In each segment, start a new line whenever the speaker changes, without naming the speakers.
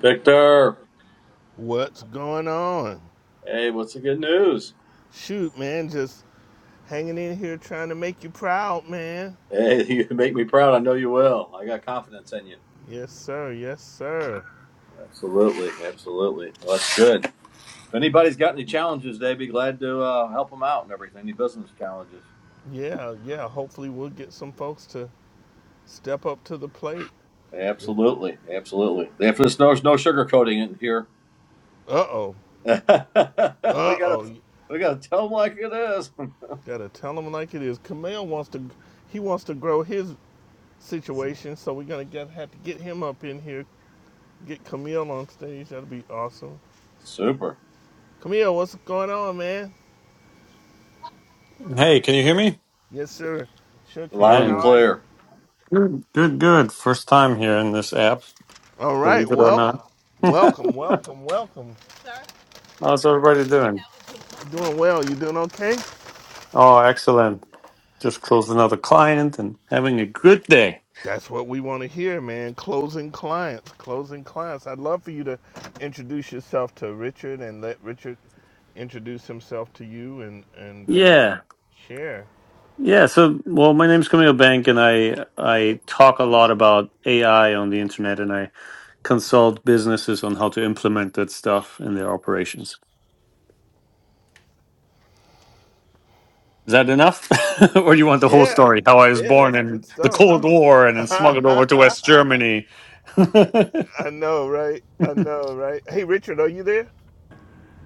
Victor,
What's going on?
hey, what's the good news?
Shoot, man, just hanging in here trying to make you proud, man.
Hey, you make me proud. I know you will. I got confidence in you.
Yes, sir. Yes, sir.
Absolutely, absolutely. Well, that's good. If anybody's got any challenges, they be glad to uh, help them out and everything. Any business challenges?
Yeah, yeah. Hopefully, we'll get some folks to step up to the plate.
Absolutely, absolutely. After this, there's no sugarcoating in here.
Uh oh.
we
Uh
gotta,
oh.
we gotta tell them like it is.
Gotta tell them like it is. Camille wants to. He wants to grow his situation, so we're gonna get, have to get him up in here. Get Camille on stage. That'll be awesome.
Super,
Camille, what's going on, man?
Hey, can you hear me?
Yes, sir. Sure can.
loud
Hey,
How
and
are you?
clear.
good, good, good. First time here in this app,
All right,
believe it or not.
welcome. Welcome, welcome, welcome.
How's everybody doing?
You doing well? You doing okay?
Oh, excellent. Just closed another client and having a good day.
That's what we want to hear, man. Closing clients, closing clients. I'd love for you to introduce yourself to Richard and let Richard introduce himself to you and and uh,
Yeah,
share.
yeah. So, well, my name's Camille Bank, and I I talk a lot about AI on the internet, and I consult businesses on how to implement that stuff in their operations. Is that enough, or do you want the whole
Yeah,
story? How I was
yeah,
born
that's good
in the
stuff.
Cold War and then smuggled over to West Germany.
I know, right? I know, right? Hey, Richard, are you there?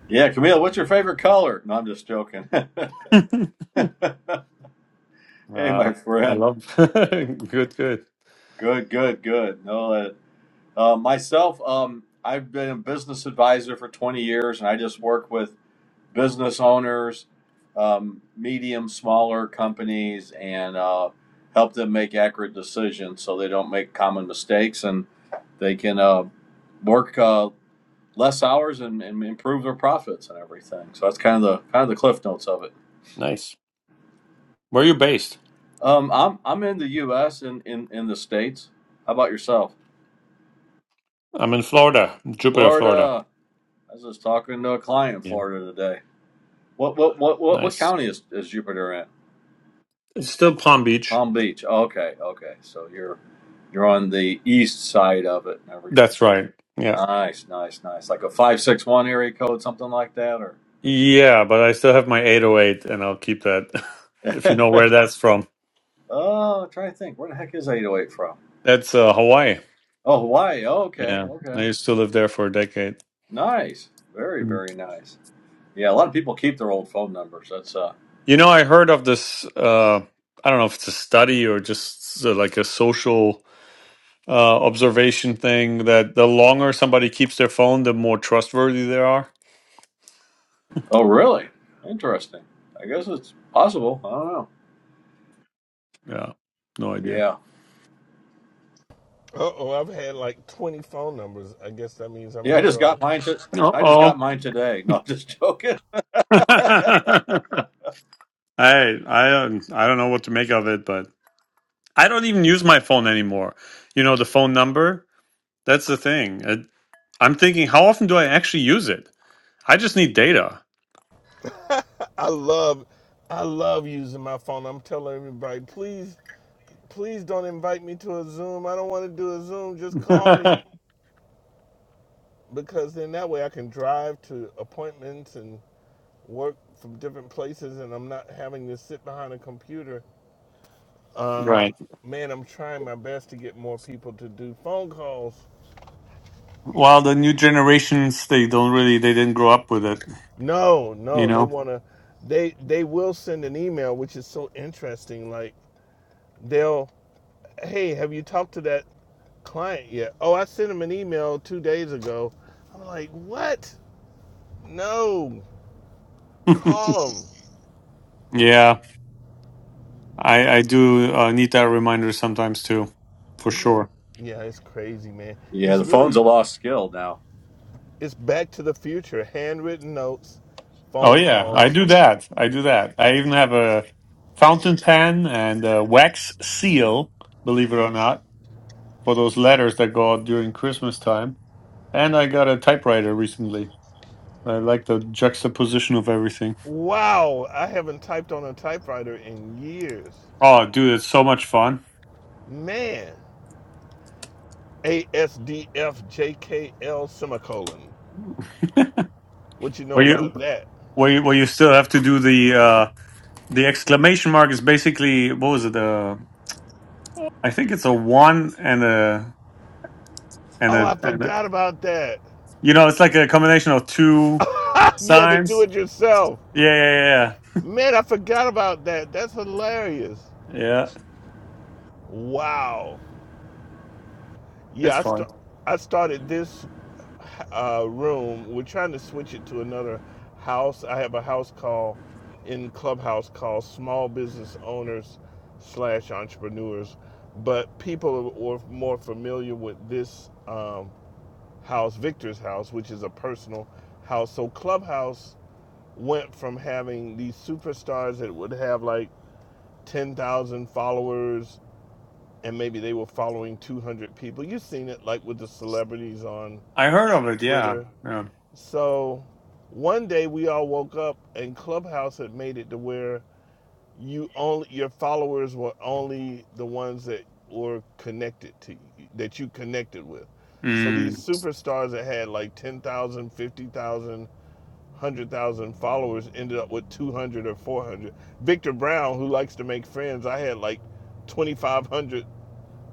Yeah, Camille, what's your favorite color? No, I'm just joking. hey,
Uh,
my
I
friend.
love. Good, good.
Good, good, good. No, uh, Uh, myself, um, I've been a business advisor for 20 years, and I just work with business owners, um, medium, smaller companies, and uh, help them make accurate decisions so they don't make common mistakes and they can uh, work uh, less hours and, and improve their profits and everything. So that's kind of the kind of the cliff notes of it.
Nice. Where are you based?
Um, I'm I'm in the U.S. and in, in, in the states. How about yourself?
I'm in Florida, Jupiter, Florida.
Florida. I was just talking to a client in
Yeah.
Florida today. What what what what, what
Nice.
county is, is Jupiter in?
It's still Palm Beach.
Palm Beach. Okay, okay. So you're you're on the east side of it and everything.
That's right. Yeah.
Nice, nice, nice. Like a five six one area code, something like that, or
Yeah, but I still have my 808 and I'll keep that if you know where that's from.
oh, I'm trying to think. Where the heck is eight oh eight from?
That's uh, Hawaii.
Oh, Hawaii. Oh, okay,
Yeah. I
okay.
used to live there for a decade.
Nice. Very, very nice. Yeah, a lot of people keep their old phone numbers. That's uh
You know, I heard of this uh I don't know if it's a study or just uh, like a social uh observation thing that the longer somebody keeps their phone, the more trustworthy they are.
oh really? Interesting. I guess it's possible. I don't know.
Yeah, no idea.
Yeah.
Uh oh, I've had like 20 phone numbers. I guess that means I'm
Yeah,
in
I just got
trouble.
mine to
Uh
I just got
oh.
mine today. No, I'm just joking.
I I don't I don't know what to make of it, but I don't even use my phone anymore. You know the phone number. That's the thing. It, I'm thinking, how often do I actually use it? I just need data.
I love, I love using my phone. I'm telling everybody, please, please don't invite me to a Zoom. I don't want to do a Zoom. Just call me, because then that way I can drive to appointments and work from different places, and I'm not having to sit behind a computer. Uh,
right.
man, I'm trying my best to get more people to do phone calls.
Well, the new generations they don't really they didn't grow up with it.
No,
You
no, they
know.
want to. They they will send an email, which is so interesting. Like they'll, hey, have you talked to that? client yet. Oh, I sent him an email two days ago. I'm like, what? No, call him.
Yeah. I I do uh, need that reminder sometimes too, for
Yeah,
sure.
yeah, it's crazy, man.
Yeah,
It's
the phone's a
really,
lost skill now.
it's back to the future. Handwritten notes,
Oh
phone
yeah, I
calls.
do that. I do that. I even have a fountain pen and a wax seal, believe it or not, for those letters that go out during Christmas time. And I got a typewriter recently. I like the juxtaposition of everything.
Wow, I haven't typed on a typewriter in years.
Oh, dude, it's so much fun.
Man, ASDFJKL semicolon. What you know
Well, you
about that?
well you, well, you still have to do the uh, the exclamation mark is basically what was it? Uh, I think it's a one and a and
Oh,
a
I
and a
forgot about that.
You know, it's like a combination of two
you had to do
signs.
it yourself.
Yeah, yeah, yeah, yeah.
Man, I forgot about that. That's hilarious.
Yeah,
Wow.
It's
Yeah, I,
fun.
st- I started this uh, room. We're trying to switch it to another house. I have a house call in Clubhouse called Small Business Owners slash Entrepreneurs. But people are more familiar with this um, house, Victor's house, which is a personal house. So Clubhouse went from having these superstars that would have like 10,000 followers and maybe they were following 200 people. You've seen it like with the celebrities on
I heard of it. Yeah.
Twitter.
yeah.
So one day we all woke up and Clubhouse had made it to where you only your followers were only the ones that were connected to you, that you connected with. So these
Mm.
superstars that had like 10,000, followers ended up with 200 or 400. Victor Brown, who likes to make friends, I had like 2,500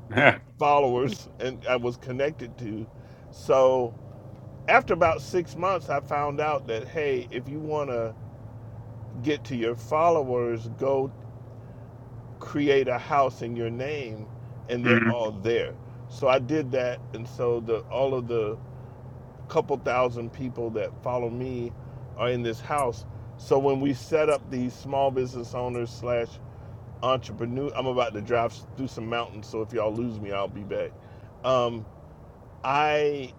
Yeah.
followers and I was connected to. So after about six months, I found out that hey, if you want to get to your followers, go create a house in your name, and they're all
Mm.
there. So I did that, and so the all of the couple thousand people that follow me are in this house. So when we set up these small business owners slash entrepreneur, I'm about to drive through some mountains, so if y'all lose me, I'll be back. Um, I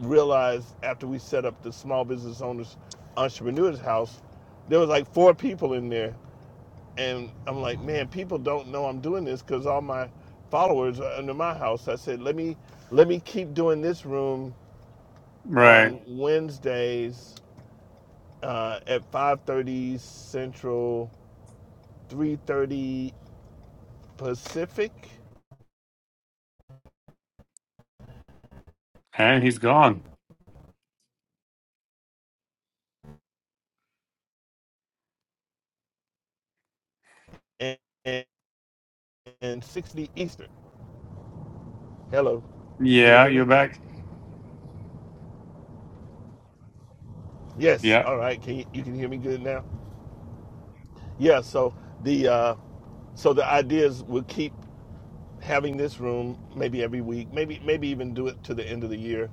realized after we set up the small business owners entrepreneurs house, there was like four people in there, and I'm like, man, people don't know I'm doing this because all my followers are under my house. I said, let me let me keep doing this room
Right.
on Wednesdays uh, at 5:30 Central, 3:30 Pacific,
And he's gone.
and, and and 60 Eastern. Hello, can you
Yeah,
hear
you're
me?
back.
Yes.
Yeah.
All right. Can you, you can hear me good now? Yeah, so the uh, so the idea is we'll keep having this room maybe every week, maybe maybe even do it to the end of the year,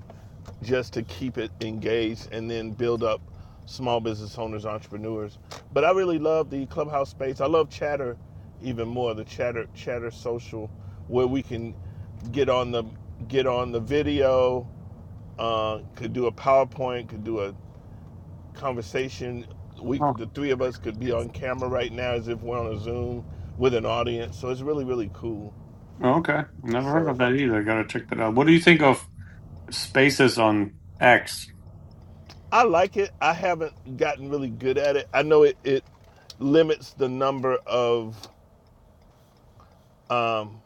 just to keep it engaged and then build up small business owners, entrepreneurs. But I really love the clubhouse space. I love Chatter even more. The Chatter Chatter social where we can get on the get on the video, uh, could do a PowerPoint, could do a conversation we
Oh,
the three of us could be on camera right now as if we're on a zoom with an audience so it's really really cool
oh, okay. Never heard of
so
that either. Gotta check that out. What do you think of spaces on X?
i like it i haven't gotten really good at it i know it, it limits the number of um,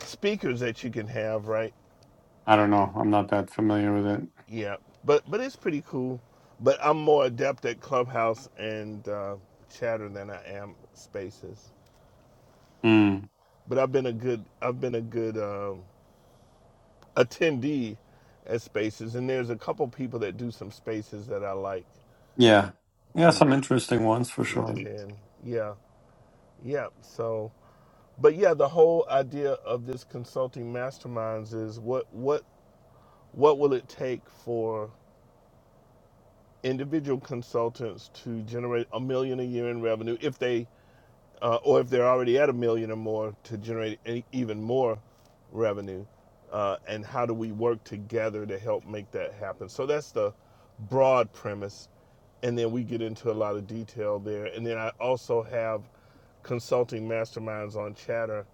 speakers that you can have right
I don't know. I'm not that familiar with it.
yeah but but it's pretty cool but i'm more adept at clubhouse and uh, chatter than i am spaces
Mm.
but i've been a good i've been a good um, attendee at spaces and there's a couple people that do some spaces that I like
Yeah. Yeah,
to
some interesting ones for
to
sure.
attend. Yeah. Yeah. So but yeah, the whole idea of this consulting masterminds is what what what will it take for individual consultants to generate a million a year in revenue if they uh, or if they're already at a million or more to generate any, even more revenue uh, and how do we work together to help make that happen so that's the broad premise and then we get into a lot of detail there. And then I also have consulting masterminds on Chatter.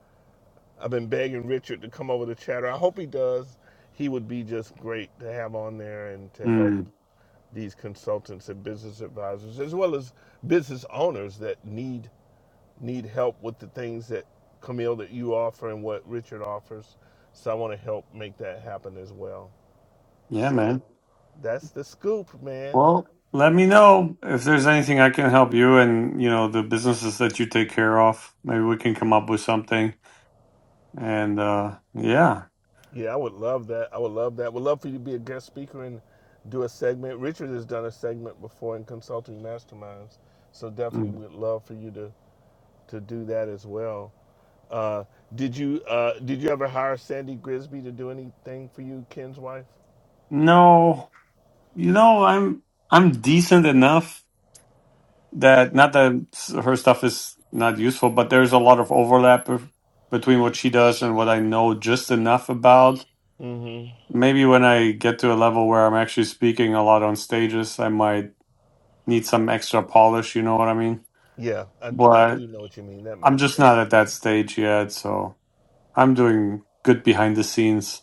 I've been begging Richard to come over to Chatter. I hope he does. He would be just great to have on there and to help
Mm.
these consultants and business advisors as well as business owners that need need help with the things that Camille that you offer and what Richard offers. So I want to help make that happen as well.
Yeah, man.
So that's the scoop, man.
Well, let me know if there's anything I can help you and, you know, the businesses that you take care of. Maybe we can come up with something. And uh yeah.
Yeah, I would love that. I would love that. Would love for you to be a guest speaker and do a segment. Richard has done a segment before in consulting masterminds, so definitely
Mm.
would love for you to to do that as well. Uh, did you uh, did you ever hire Sandy Grisby to do anything for you, Ken's wife?
No, you know, I'm I'm decent enough that not that s- her stuff is not useful, but there's a lot of overlap of- between what she does and what I know just enough about.
Mm-hmm.
Maybe when I get to a level where I'm actually speaking a lot on stages, I might need some extra polish, you know what I mean?
Yeah, I, d- I do know what you mean. That
I'm
makes
just not
sense.
at that stage yet, so I'm doing good behind the scenes.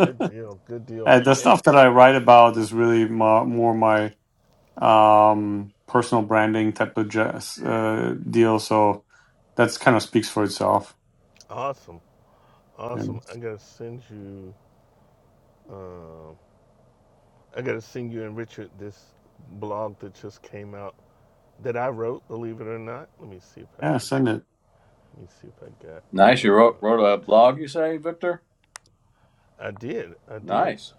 Good deal. Good deal.
And the
It,
stuff that I write about is really more, more my um, personal branding type of jazz, uh, deal. So that's kind of speaks for itself.
awesome. Awesome.
And
I gotta send you. Uh, I gotta send you and Richard this blog that just came out that I wrote, believe it or not. Let me see if I
yeah,
can.
send it.
Let me see if I got.
Nice. You wrote, wrote a
Uh,
blog, you say, Victor?
I did. I did.
Nice.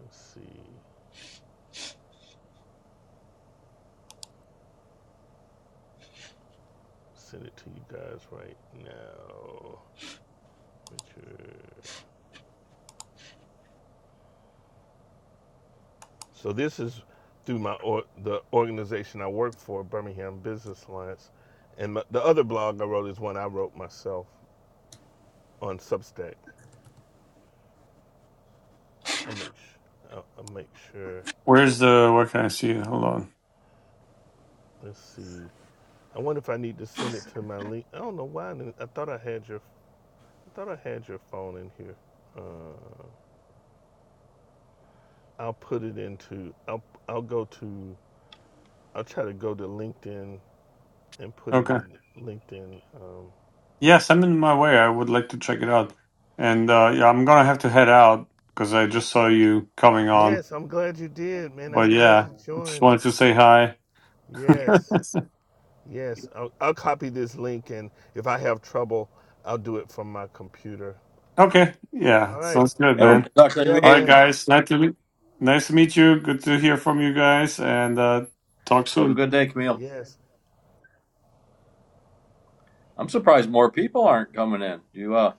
Let's see. Send it to you guys right now. Richard. So this is through my or, the organization I work for, Birmingham Business Alliance, and my, the other blog I wrote is one I wrote myself on Substack. I make sure. I, make sure.
Where's the? Where can I see it? Hold on.
Let's see. I wonder if I need to send it to my link. I don't know why. I I thought I had your I thought I had your phone in here. Uh, I'll put it into. I'll I'll go to. I'll try to go to LinkedIn and put it
Okay.
in LinkedIn. Um,
Yeah, send it my way. I would like to check it out. And uh, yeah, I'm gonna have to head out because I just saw you coming on.
yes, I'm glad you did, man. I'm
But
glad
yeah,
you
just
joined.
wanted to say hi.
Yes, yes. I'll, I'll copy this link, and if I have trouble, I'll do it from my computer.
Okay. Yeah.
All right.
Sounds good,
Have a
man.
productive
Yeah,
All right,
evening.
man.
guys. Nice to meet, nice to meet you. Good to hear from you guys, and uh, talk
Have
soon.
a good day, Camille.
Yes.
I'm surprised more people aren't coming in. You, uh,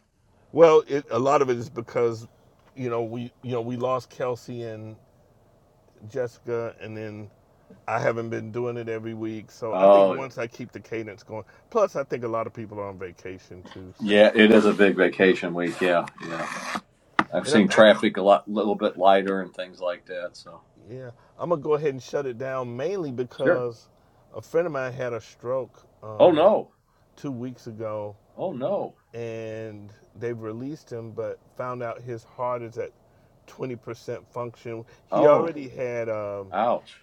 Well, it, a lot of it is because, you know, we you know we lost Kelsey and Jessica, and then I haven't been doing it every week, so I think
oh,
once I keep the cadence going. Plus, I think a lot of people are on vacation too. So,
yeah, it is a big vacation week. Yeah, yeah. I've
and I,
seen
I,
traffic a lot, little bit lighter and things like that. So,
yeah, I'm gonna go ahead and shut it down mainly
sure.
because a friend of mine had a stroke
Oh,
uh,
no.
two weeks ago,
Oh, no.
and they've released him, but found out his heart is at 20% function. He
Oh,
already had, um,
ouch.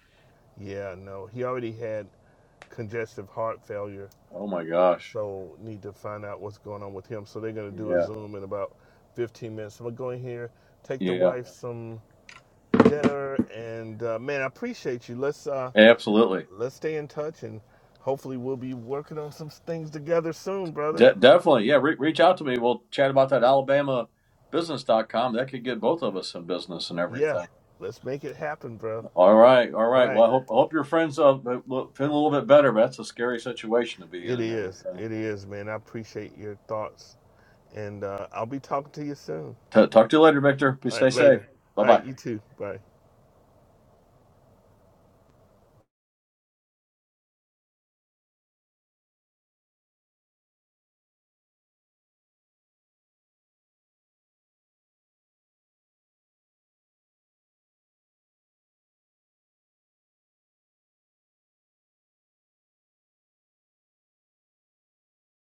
yeah, no, he already had congestive heart failure
Oh, my gosh.
so need to find out what's going on with him. So they're going to do a
Yeah,
Zoom in about 15 minutes. So I'm going to go in here, take the
yeah.
wife some dinner, and uh, man, I appreciate you. Let's uh,
Absolutely.
let's stay in touch, and hopefully we'll be working on some things together soon, brother.
De- definitely, yeah. Re- reach out to me. We'll chat about that Alabama business.com. That could get both of us in business and
Yeah,
everything.
let's make it happen, bro.
All right, all
All
right. Well,
right,
I hope I hope your friends uh, feel a little bit better. But that's a scary situation to be in
it
and
is,
everything.
it is, man. I appreciate your thoughts, and uh, I'll be talking to you soon.
T- talk to you later, Victor.
All
Please stay
right, later.
safe. Bye
All
bye.
right, you too. Bye.